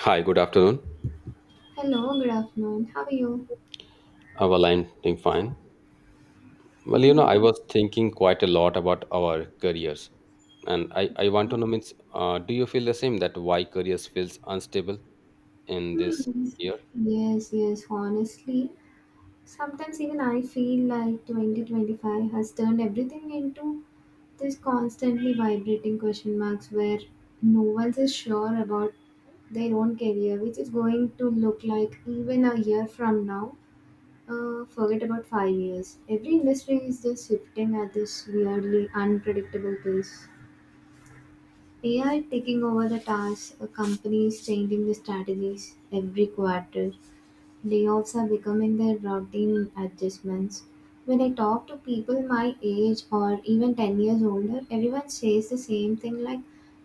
Hi, good afternoon. Hello, good afternoon. How are you? Our line doing fine. Well, you know, Hmm. I was thinking quite a lot about our careers, and I want to know means, do you feel the same that why careers feels unstable in this Hmm. year? Yes, yes, honestly. Sometimes even I feel like 2025 has turned everything into this constantly vibrating question marks where no one's is sure about their own career, which is going to look like even a year from now. Forget about 5 years. Every industry is just shifting at this weirdly unpredictable pace. AI taking over the tasks, companies changing the strategies every quarter. Layoffs are becoming their routine adjustments. When I talk to people my age or even 10 years older, everyone says the same thing like,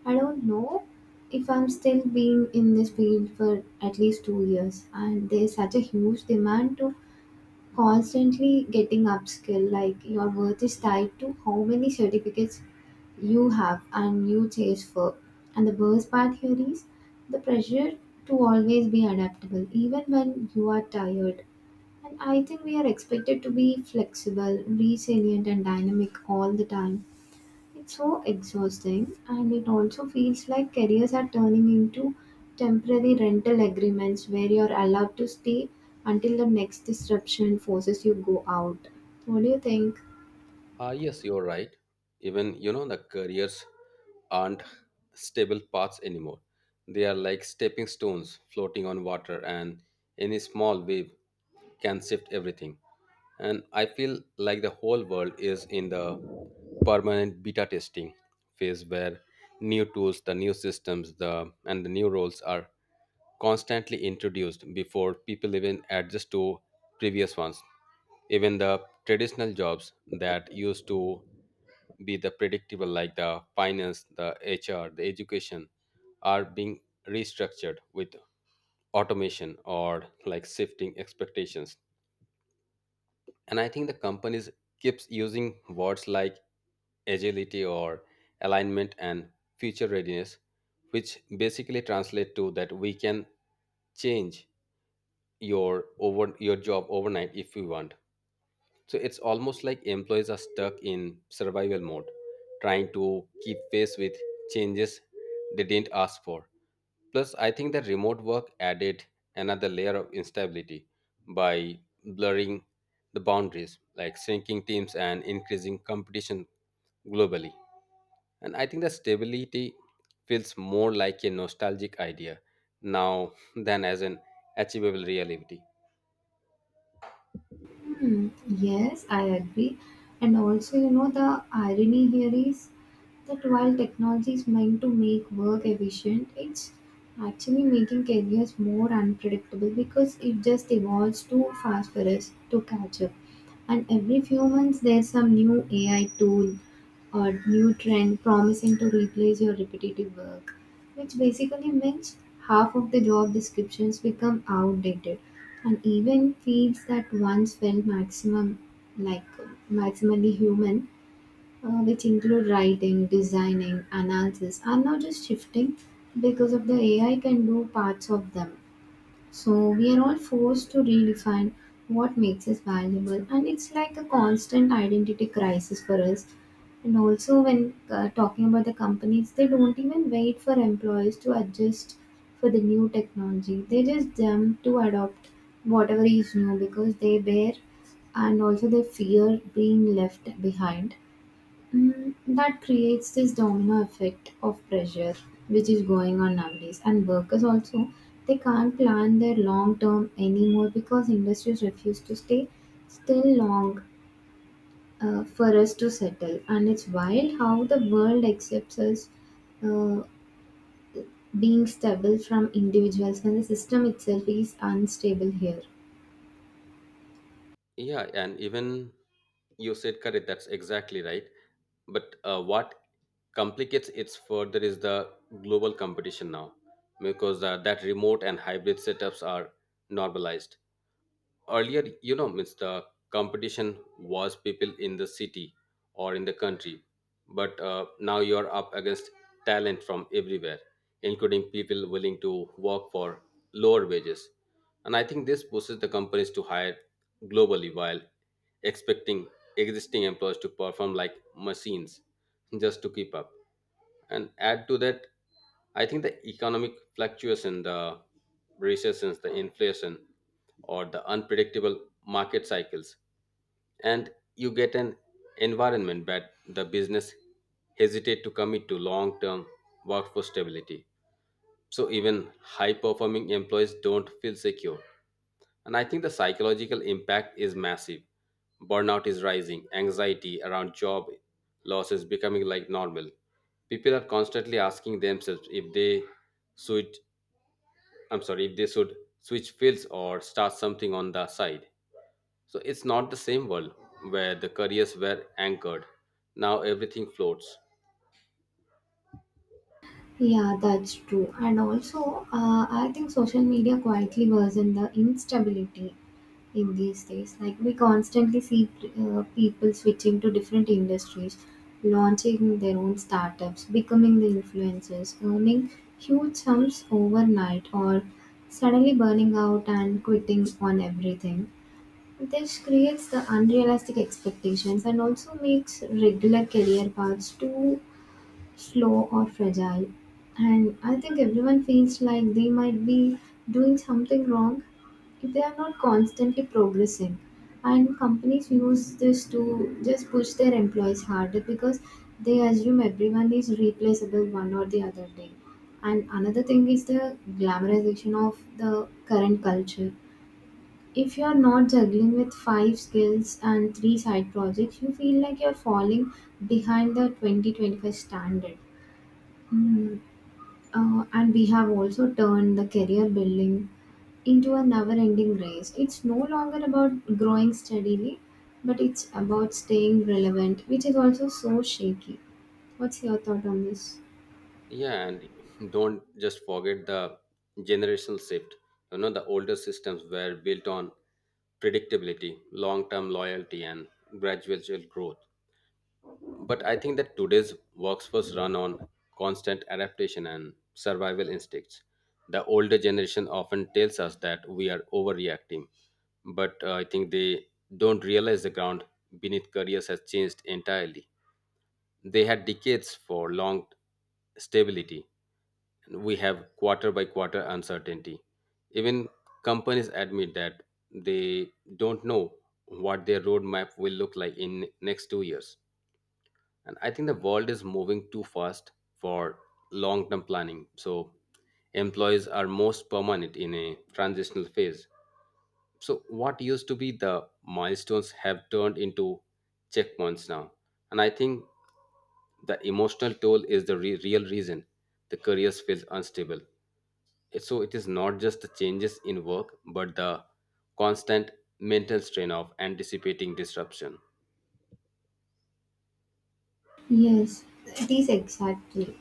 I don't know if I'm still being in this field for at least 2 years. And there's such a huge demand to constantly getting upskilled, like your worth is tied to how many certificates you have and you chase for, and the worst part here is the pressure to always be adaptable even when you are tired, and I think we are expected to be flexible, resilient, and dynamic all the time. It's so exhausting, and it also feels like careers are turning into temporary rental agreements where you're allowed to stay until the next disruption forces you go out. What do you think? Ah, yes, you're right. Even, you know, the careers aren't stable paths anymore. They are like stepping stones floating on water, and any small wave can shift everything. And I feel like the whole world is in the permanent beta testing phase where new tools, the new systems, the and the new roles are constantly introduced before people even adjust to previous ones. Even the traditional jobs that used to be the predictable, like the finance, the HR, the education, are being restructured with automation or like shifting expectations. And I think the companies keeps using words like agility or alignment and future readiness, which basically translate to that we can change your over your job overnight if we want. So it's almost like employees are stuck in survival mode, trying to keep pace with changes they didn't ask for. Plus, I think that remote work added another layer of instability by blurring the boundaries, like shrinking teams and increasing competition globally. And I think that stability feels more like a nostalgic idea now than as an achievable reality. Hmm, yes, I agree. And also, you know, the irony here is that while technology is meant to make work efficient, it's actually making careers more unpredictable because it just evolves too fast for us to catch up. And every few months, there's some new AI tool or new trend promising to replace your repetitive work. Which basically means half of the job descriptions become outdated, and even fields that once felt maximum like maximally human, which include writing, designing, analysis, are now just shifting because of the AI can do parts of them. So we are all forced to redefine what makes us valuable, and it's like a constant identity crisis for us. And also, when talking about the companies, they don't even wait for employees to adjust for the new technology. They just jump to adopt whatever is new because they bear and also they fear being left behind. Mm, that creates this domino effect of pressure which is going on nowadays. And workers also, they can't plan their long term anymore because industries refuse to stay still long for us to settle. And it's wild how the world accepts us uh, being stable from individuals when the system itself is unstable here. Yeah, and even you said correct, that's exactly right. But what complicates it further is the global competition now, because that remote and hybrid setups are normalized earlier, you know, means the competition was people in the city or in the country, but now you're up against talent from everywhere, including people willing to work for lower wages. And I think this pushes the companies to hire globally while expecting existing employees to perform like machines just to keep up. And add to that, I think the economic fluctuation, the recessions, the inflation, or the unpredictable market cycles, and you get an environment that the business hesitate to commit to long-term workforce stability. So even high-performing employees don't feel secure. And I think the psychological impact is massive. Burnout is rising, anxiety around job loss is becoming like normal. People are constantly asking themselves if they should, I'm sorry, if they should switch fields or start something on the side. So it's not the same world where the careers were anchored. Now everything floats. Yeah, that's true. And also, I think social media quietly worsen the instability in these days. Like, we constantly see people switching to different industries, launching their own startups, becoming the influencers, earning huge sums overnight, or suddenly burning out and quitting on everything. This creates the unrealistic expectations and also makes regular career paths too slow or fragile. And I think everyone feels like they might be doing something wrong if they are not constantly progressing. And companies use this to just push their employees harder because they assume everyone is replaceable one or the other day. And another thing is the glamorization of the current culture. If you are not juggling with five skills and three side projects, you feel like you're falling behind the 2025 standard. Mm. And we have also turned the career building into a never ending race. It's no longer about growing steadily, but it's about staying relevant, which is also so shaky. What's your thought on this? Yeah, and don't just forget the generational shift. You know, the older systems were built on predictability, long term loyalty, and gradual growth. But I think that today's workforce run on constant adaptation and survival instincts. The older generation often tells us that we are overreacting, but I think they don't realize the ground beneath careers has changed entirely. They had decades for long stability. We have quarter by quarter uncertainty. Even companies admit that they don't know what their roadmap will look like in next 2 years. And I think the world is moving too fast for long term planning, so employees are most permanent in a transitional phase. So what used to be the milestones have turned into checkpoints now. And I think the emotional toll is the real reason the careers feels unstable. So it is not just the changes in work but the constant mental strain of anticipating disruption. Yes, it is exactly.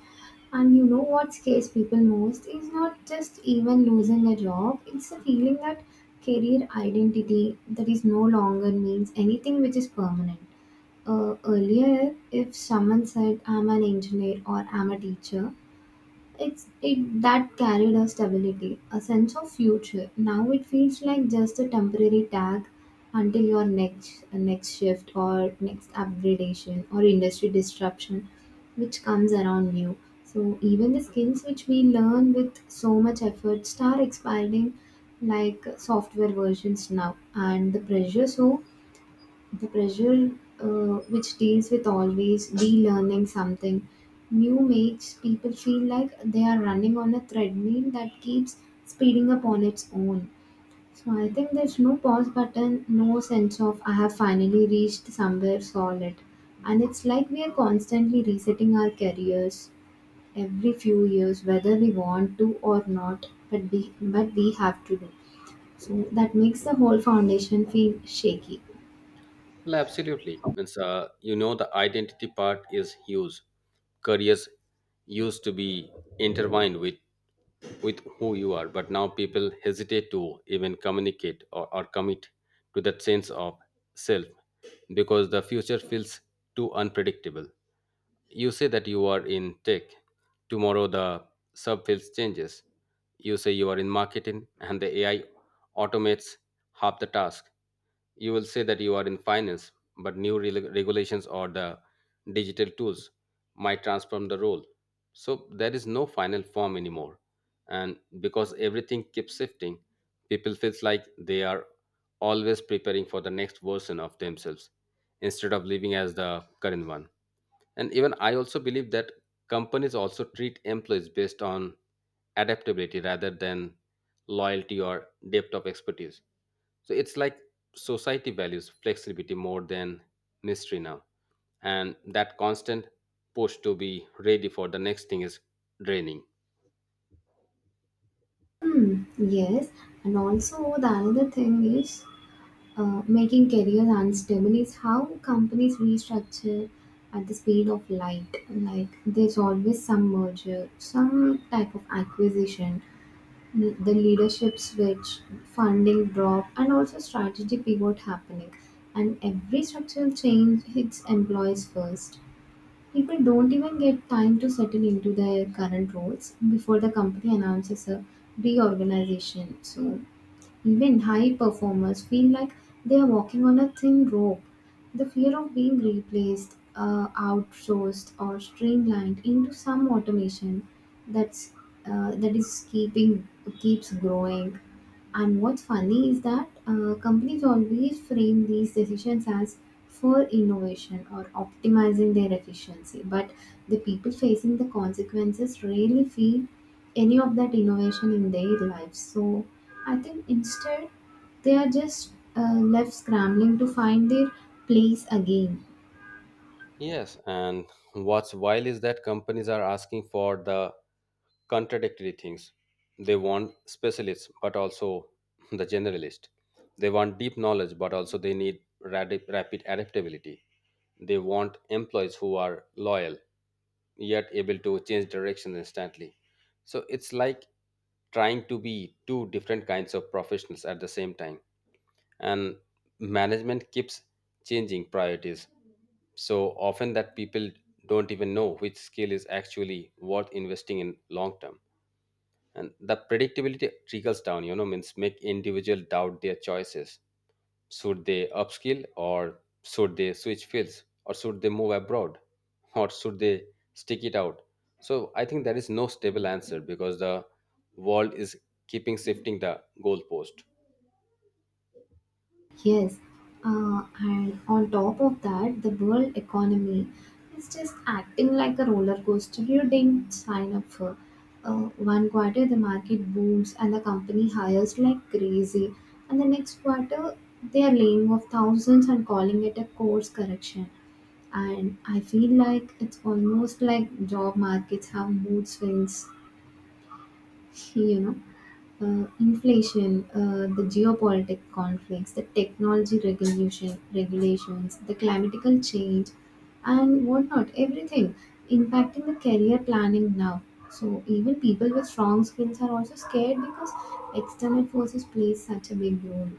And you know what scares people most is not just even losing a job, it's the feeling that career identity that is no longer means anything which is permanent. Earlier, if someone said, I'm an engineer or I'm a teacher, it that carried a stability, a sense of future. Now it feels like just a temporary tag until your next shift or next upgradation or industry disruption which comes around you. So even the skills which we learn with so much effort start expiring like software versions now, and the pressure which deals with always relearning something new makes people feel like they are running on a treadmill that keeps speeding up on its own. So I think there's no pause button, no sense of I have finally reached somewhere solid. And it's like we are constantly resetting our careers every few years, whether we want to or not, but we have to do. So that makes the whole foundation feel shaky. Well, absolutely. Means, you know, the identity part is huge. Careers used to be intertwined with who you are, but now people hesitate to even communicate or commit to that sense of self because the future feels too unpredictable. You say that you are in tech. Tomorrow the subfields changes. You say you are in marketing and the AI automates half the task. You will say that you are in finance, but new regulations or the digital tools might transform the role. So there is no final form anymore. And because everything keeps shifting, people feels like they are always preparing for the next version of themselves instead of living as the current one. And even I also believe that companies also treat employees based on adaptability rather than loyalty or depth of expertise. So it's like society values flexibility more than mystery now, and that constant push to be ready for the next thing is draining. Hmm, yes, and also the another thing is making careers unstable is how companies restructure at the speed of light. Like, there's always some merger, some type of acquisition, the leadership switch, funding drop, and also strategy pivot happening. And every structural change hits employees first. People don't even get time to settle into their current roles before the company announces a reorganization. So, even high performers feel like they are walking on a thin rope. The fear of being replaced, outsourced, or streamlined into some automation that's that is keeping keeps growing. And what's funny is that companies always frame these decisions as for innovation or optimizing their efficiency, but the people facing the consequences rarely feel any of that innovation in their lives. So I think instead they are just left scrambling to find their place again. Yes, and what's wild is that companies are asking for the contradictory things. They want specialists, but also the generalist. They want deep knowledge, but also they need rapid adaptability. They want employees who are loyal, yet able to change direction instantly. So it's like trying to be two different kinds of professionals at the same time. And management keeps changing priorities so often that people don't even know which skill is actually worth investing in long term. And the predictability trickles down, you know, means make individual doubt their choices. Should they upskill or should they switch fields or should they move abroad or should they stick it out? So I think there is no stable answer because the world is keeping shifting the goalpost. Yes, and on top of that, the world economy is just acting like a roller coaster you didn't sign up for. One quarter, the market booms and the company hires like crazy, and the next quarter, they are laying off thousands and calling it a course correction. And I feel like it's almost like job markets have mood swings, you know. Inflation, the geopolitical conflicts, the technology regulations, the climatical change, and whatnot, everything impacting the career planning now. So even people with strong skills are also scared because external forces play such a big role.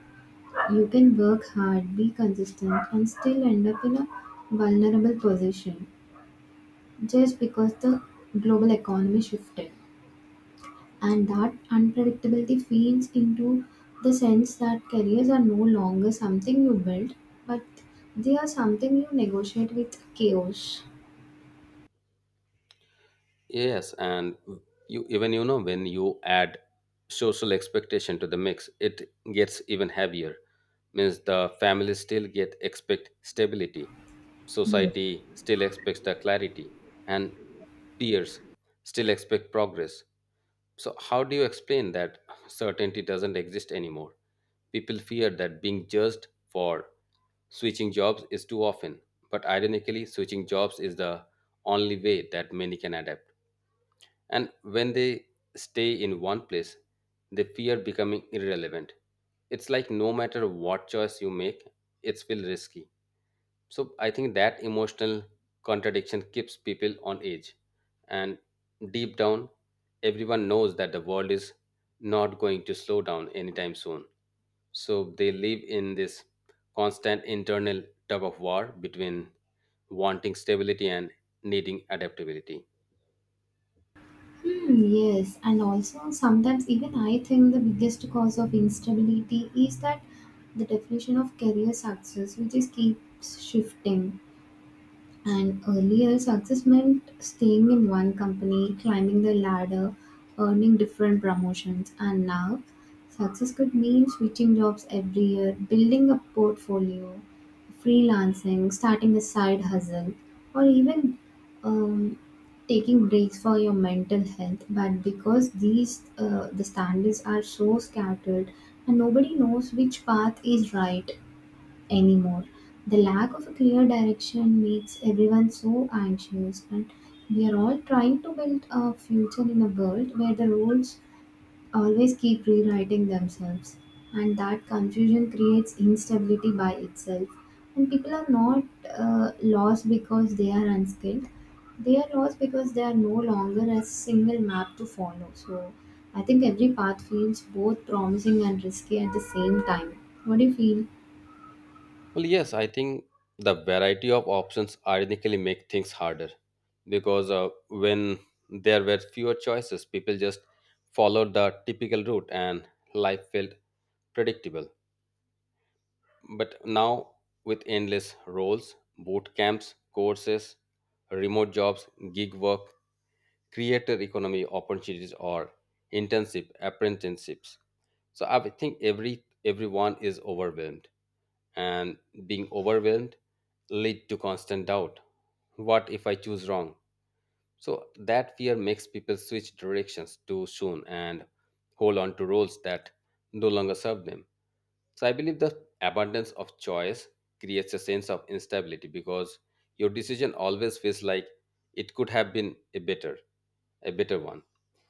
You can work hard, be consistent, and still end up in a vulnerable position just because the global economy shifted, and that unpredictability feeds into the sense that careers are no longer something you build, but they are something you negotiate with chaos. Yes, and you even, you know, when you add social expectation to the mix, it gets even heavier. Means the family still get expect stability, Yes. society still expects the clarity, and peers still expect progress. So how do you explain that certainty doesn't exist anymore? People fear that being judged for switching jobs is too often, but ironically, switching jobs is the only way that many can adapt. And when they stay in one place, they fear becoming irrelevant. It's like no matter what choice you make, it's still risky. So I think that emotional contradiction keeps people on edge. And deep down, everyone knows that the world is not going to slow down anytime soon. So they live in this constant internal tug of war between wanting stability and needing adaptability. Hmm, yes, and also sometimes even I think the biggest cause of instability is that the definition of career success which is keeps shifting. And earlier, success meant staying in one company, climbing the ladder, earning different promotions. And now, success could mean switching jobs every year, building a portfolio, freelancing, starting a side hustle, or even um, taking breaks for your mental health. But because the standards are so scattered, and nobody knows which path is right, anymore. The lack of a clear direction makes everyone so anxious, and we are all trying to build a future in a world where the roles always keep rewriting themselves. And that confusion creates instability by itself. And people are not lost because they are unskilled, they are lost because they are no longer a single map to follow. So I think every path feels both promising and risky at the same time. What do you feel? Well, yes, I think the variety of options ironically make things harder because when there were fewer choices, people just followed the typical route and life felt predictable. But now, with endless roles, boot camps, courses, remote jobs, gig work, creator economy opportunities, or internship apprenticeships, so I think everyone is overwhelmed, and being overwhelmed lead to constant doubt. What if I choose wrong? So that fear makes people switch directions too soon and hold on to roles that no longer serve them. So I believe the abundance of choice creates a sense of instability because your decision always feels like it could have been a better one.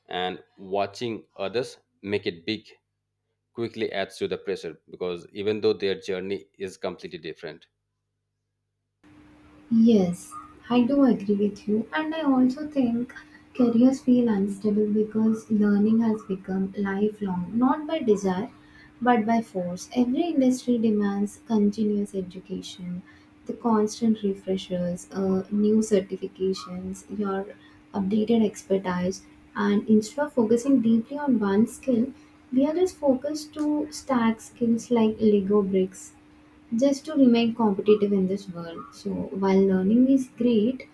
And watching others make it big quickly adds to the pressure because even though their journey is completely different. Yes, I do agree with you, and I also think careers feel unstable because learning has become lifelong, not by desire but by force. Every industry demands continuous education, the constant refreshers, new certifications, your updated expertise, and instead of focusing deeply on one skill, we are just focused to stack skills like Lego bricks just to remain competitive in this world. So while learning is great,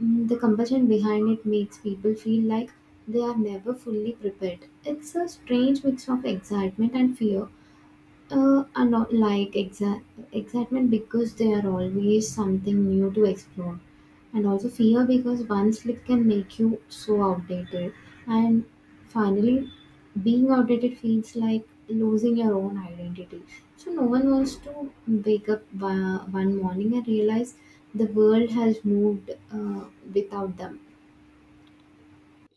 mm, the compulsion behind it makes people feel like they are never fully prepared. It's a strange mix of excitement and fear. Are not like exa- Excitement because they are always something new to explore, and also fear because one slip can make you so outdated. And finally, being outdated feels like losing your own identity. So, no one wants to wake up one morning and realize the world has moved without them.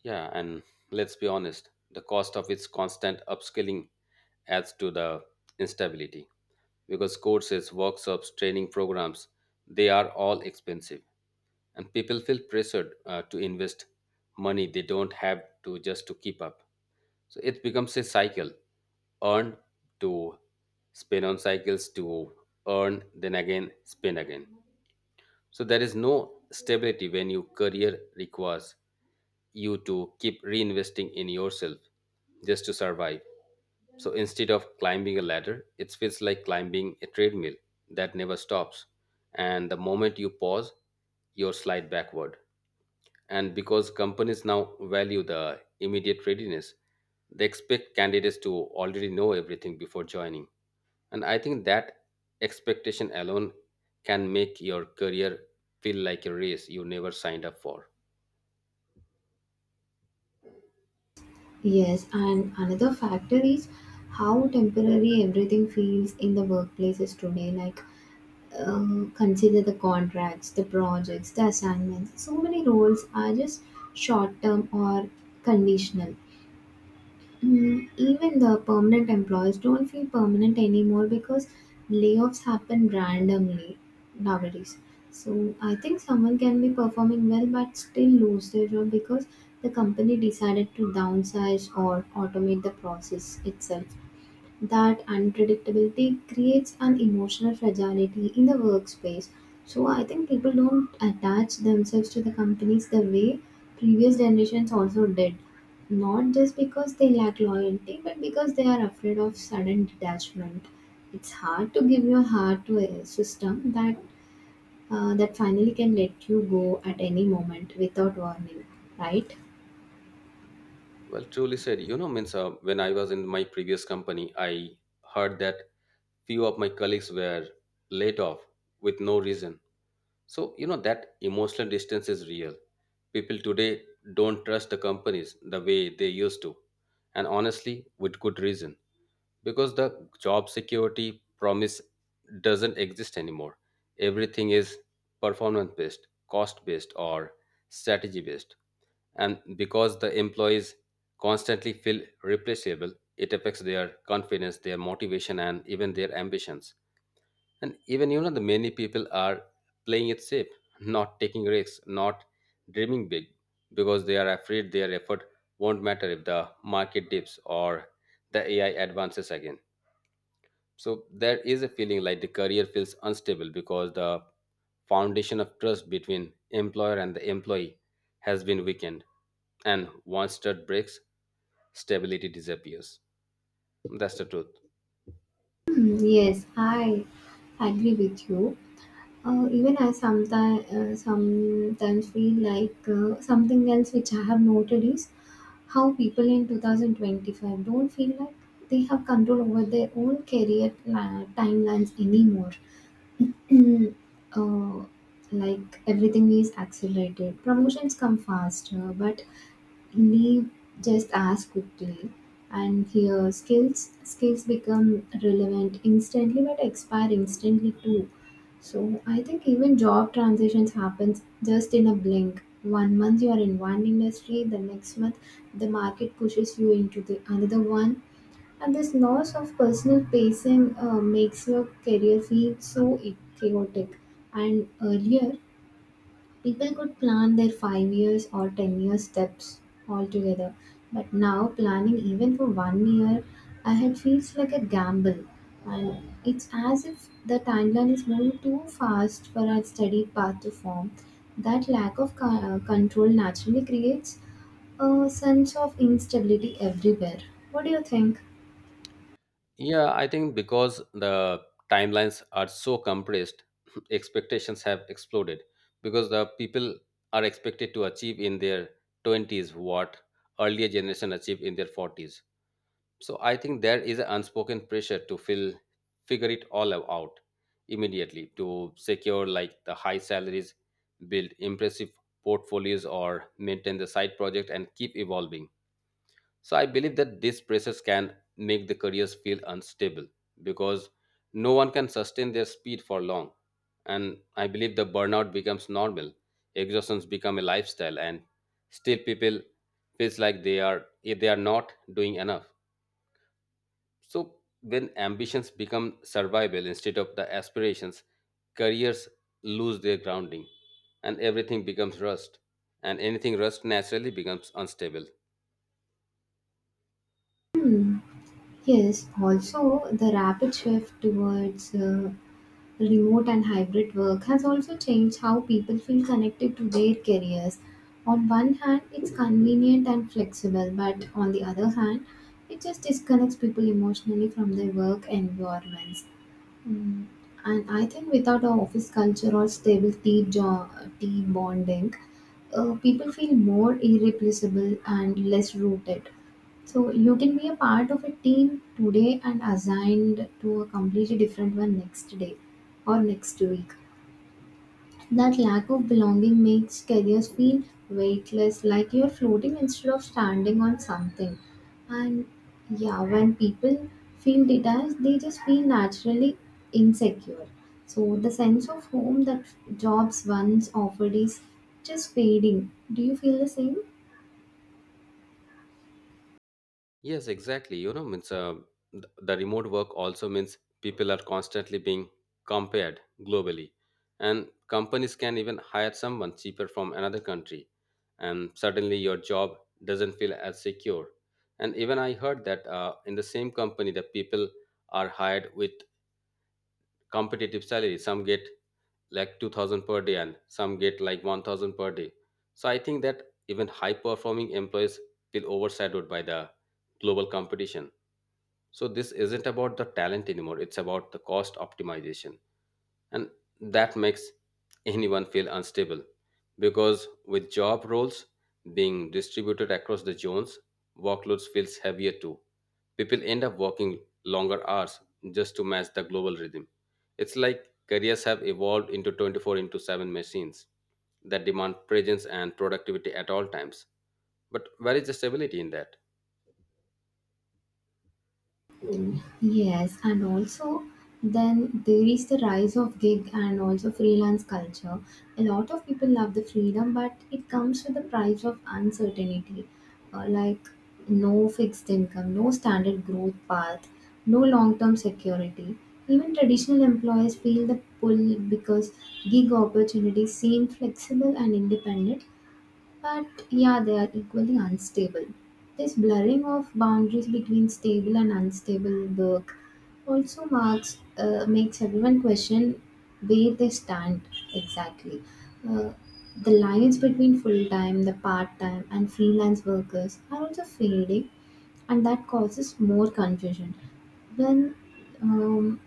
Yeah, and let's be honest, the cost of its constant upskilling adds to the instability because courses, workshops, training programs, they are all expensive, and people feel pressured to invest money they don't have to just to keep up. So it becomes a cycle: earn to spin on cycles to earn, then again spin again. So there is no stability when your career requires you to keep reinvesting in yourself just to survive. So instead of climbing a ladder, it feels like climbing a treadmill that never stops. And the moment you pause, you slide backward. And because companies now value the immediate readiness, they expect candidates to already know everything before joining. And I think that expectation alone can make your career feel like a race you never signed up for. Yes, and another factor is how temporary everything feels in the workplaces today. Like, consider the contracts, the projects, the assignments. So many roles are just short term or conditional. Mm, even the permanent employees don't feel permanent anymore because layoffs happen randomly nowadays. So I think someone can be performing well but still lose their job because the company decided to downsize or automate the process itself. That unpredictability creates an emotional fragility in the workspace. So I think people don't attach themselves to the companies the way previous generations also did. Not just because they lack loyalty, but because they are afraid of sudden detachment. It's hard to give your heart to a system that finally can let you go at any moment without warning, right? Well, truly said. You know, means when I was in my previous company, I heard that few of my colleagues were laid off with no reason. So, you know, that emotional distance is real. People today don't trust the companies the way they used to. And honestly, with good reason. Because the job security promise doesn't exist anymore. Everything is performance based, cost based, or strategy based. And because the employees constantly feel replaceable, it affects their confidence, their motivation, and even their ambitions. And even, you know, the many people are playing it safe, not taking risks, not dreaming big because they are afraid their effort won't matter if the market dips or the AI advances again. So there is a feeling like the career feels unstable because the foundation of trust between employer and the employee has been weakened. And once trust breaks, stability disappears. That's the truth. Hmm, yes, I agree with you. Even I sometimes sometimes feel like something else which I have noted is how people in 2025 don't feel like they have control over their own timelines anymore. Mm, uh, like everything is accelerated, promotions come faster, but we just ask quickly. And here skills become relevant instantly but expire instantly too. So I think even job transitions happens just in a blink. 1 month you are in one industry, the next month the market pushes you into the another one, and this loss of personal pacing makes your career feel so chaotic. And earlier people could plan their 5 years or 10 year steps altogether, but now planning even for 1 year ahead feels like a gamble, and it's as if the timeline is moving too fast for our steady path to form. That lack of control naturally creates a sense of instability everywhere. What do you think? Yeah, I think because the timelines are so compressed, expectations have exploded because the people are expected to achieve in their 20s what earlier generation achieved in their 40s. So I think there is an unspoken pressure to fill figure it all out immediately to secure like the high salaries, build impressive portfolios, or maintain the side project and keep evolving. So I believe that these pressures can make the careers feel unstable because no one can sustain their speed for long. And I believe the burnout becomes normal, exhaustions become a lifestyle, and still people feels like they are if they are not doing enough. So, when ambitions become survival instead of the aspirations, careers lose their grounding and everything becomes rust. And anything rust naturally becomes unstable. Yes, also the rapid shift towards remote and hybrid work has also changed how people feel connected to their careers. On one hand, it's convenient and flexible, but on the other hand, it just disconnects people emotionally from their work environments. Mm. And I think without a office culture or stable team, team bonding, people feel more irreplaceable and less rooted. So you can be a part of a team today and assigned to a completely different one next day or next week. That lack of belonging makes careers feel weightless, like you're floating instead of standing on something. And yeah, when people feel detached, they just feel naturally insecure. So the sense of home that jobs once offered is just fading. Do you feel the same? Yes, exactly. You know, means the remote work also means people are constantly being compared globally, and companies can even hire someone cheaper from another country, and suddenly your job doesn't feel as secure. And even I heard that in the same company, the people are hired with competitive salary. Some get like 2,000 per day, and some get like 1,000 per day. So I think that even high performing employees feel overshadowed by the global competition. So this isn't about the talent anymore, it's about the cost optimization. And that makes anyone feel unstable because with job roles being distributed across the zones, workloads feels heavier too. People end up working longer hours just to match the global rhythm. It's like careers have evolved into 24 into 7 machines that demand presence and productivity at all times. But where is the stability in that? Yes, and also then there is the rise of gig and also freelance culture. A lot of people love the freedom, but it comes with the price of uncertainty, like no fixed income, no standard growth path, no long term security. Even traditional employees feel the pull because gig opportunities seem flexible and independent, but yeah, they are equally unstable. This blurring of boundaries between stable and unstable work also marks makes everyone question where they stand exactly. Uh, the lines between full time, the part time, and freelance workers are also fading, and that causes more confusion. When um,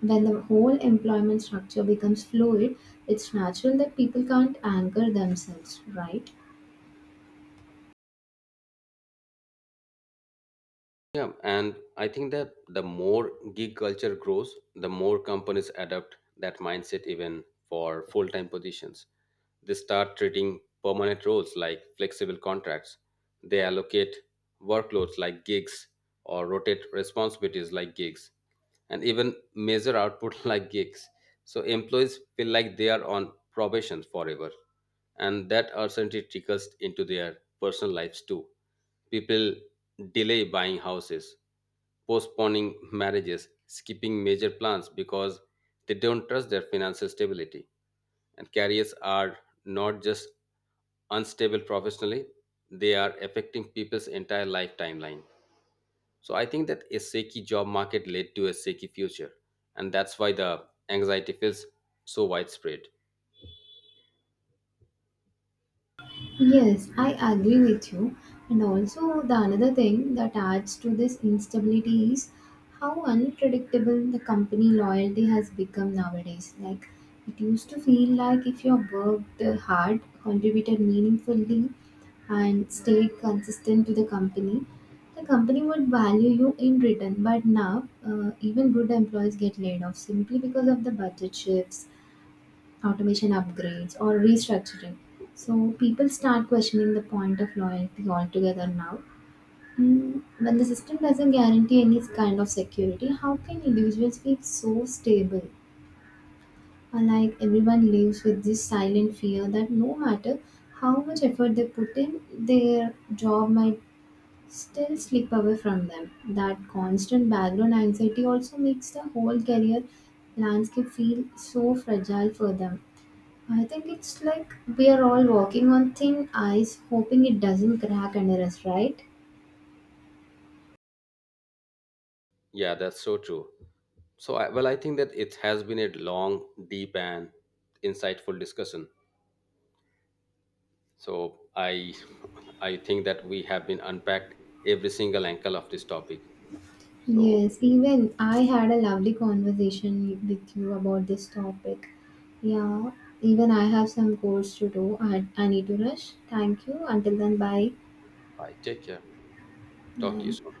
when the whole employment structure becomes fluid, it's natural that people can't anchor themselves, right? Yeah, and I think that the more gig culture grows, the more companies adopt that mindset even for full time positions. They start treating permanent roles like flexible contracts. They allocate workloads like gigs or rotate responsibilities like gigs and even measure output like gigs. So employees feel like they are on probation forever, and that uncertainty trickles into their personal lives too. People delay buying houses, postponing marriages, skipping major plans because they don't trust their financial stability. And careers are not just unstable professionally, they are affecting people's entire life timeline. So I think that a shaky job market led to a shaky future, and that's why the anxiety feels so widespread. Yes, I agree with you. And also, the another thing that adds to this instability is how unpredictable the company loyalty has become nowadays. Like, it used to feel like if you worked hard, contributed meaningfully, and stayed consistent to the company would value you in return. But now, even good employees get laid off simply because of the budget shifts, automation upgrades or restructuring. So people start questioning the point of loyalty altogether now. Mm, when the system doesn't guarantee any kind of security, how can individuals feel so stable? Like everyone lives with this silent fear that no matter how much effort they put in, their job might still slip away from them. That constant background anxiety also makes the whole career landscape feel so fragile for them. I think it's like we are all walking on thin ice, hoping it doesn't crack under us, right? Yeah, that's so true. So I, well, I think that it has been a long, deep, and insightful discussion. So I, I think that we have been unpacked every single angle of this topic. So Yes, even I had a lovely conversation with you about this topic. Yeah, even I have some course to do. I need to rush. Thank you. Until then, bye. I take care. Talk to you Bye. soon.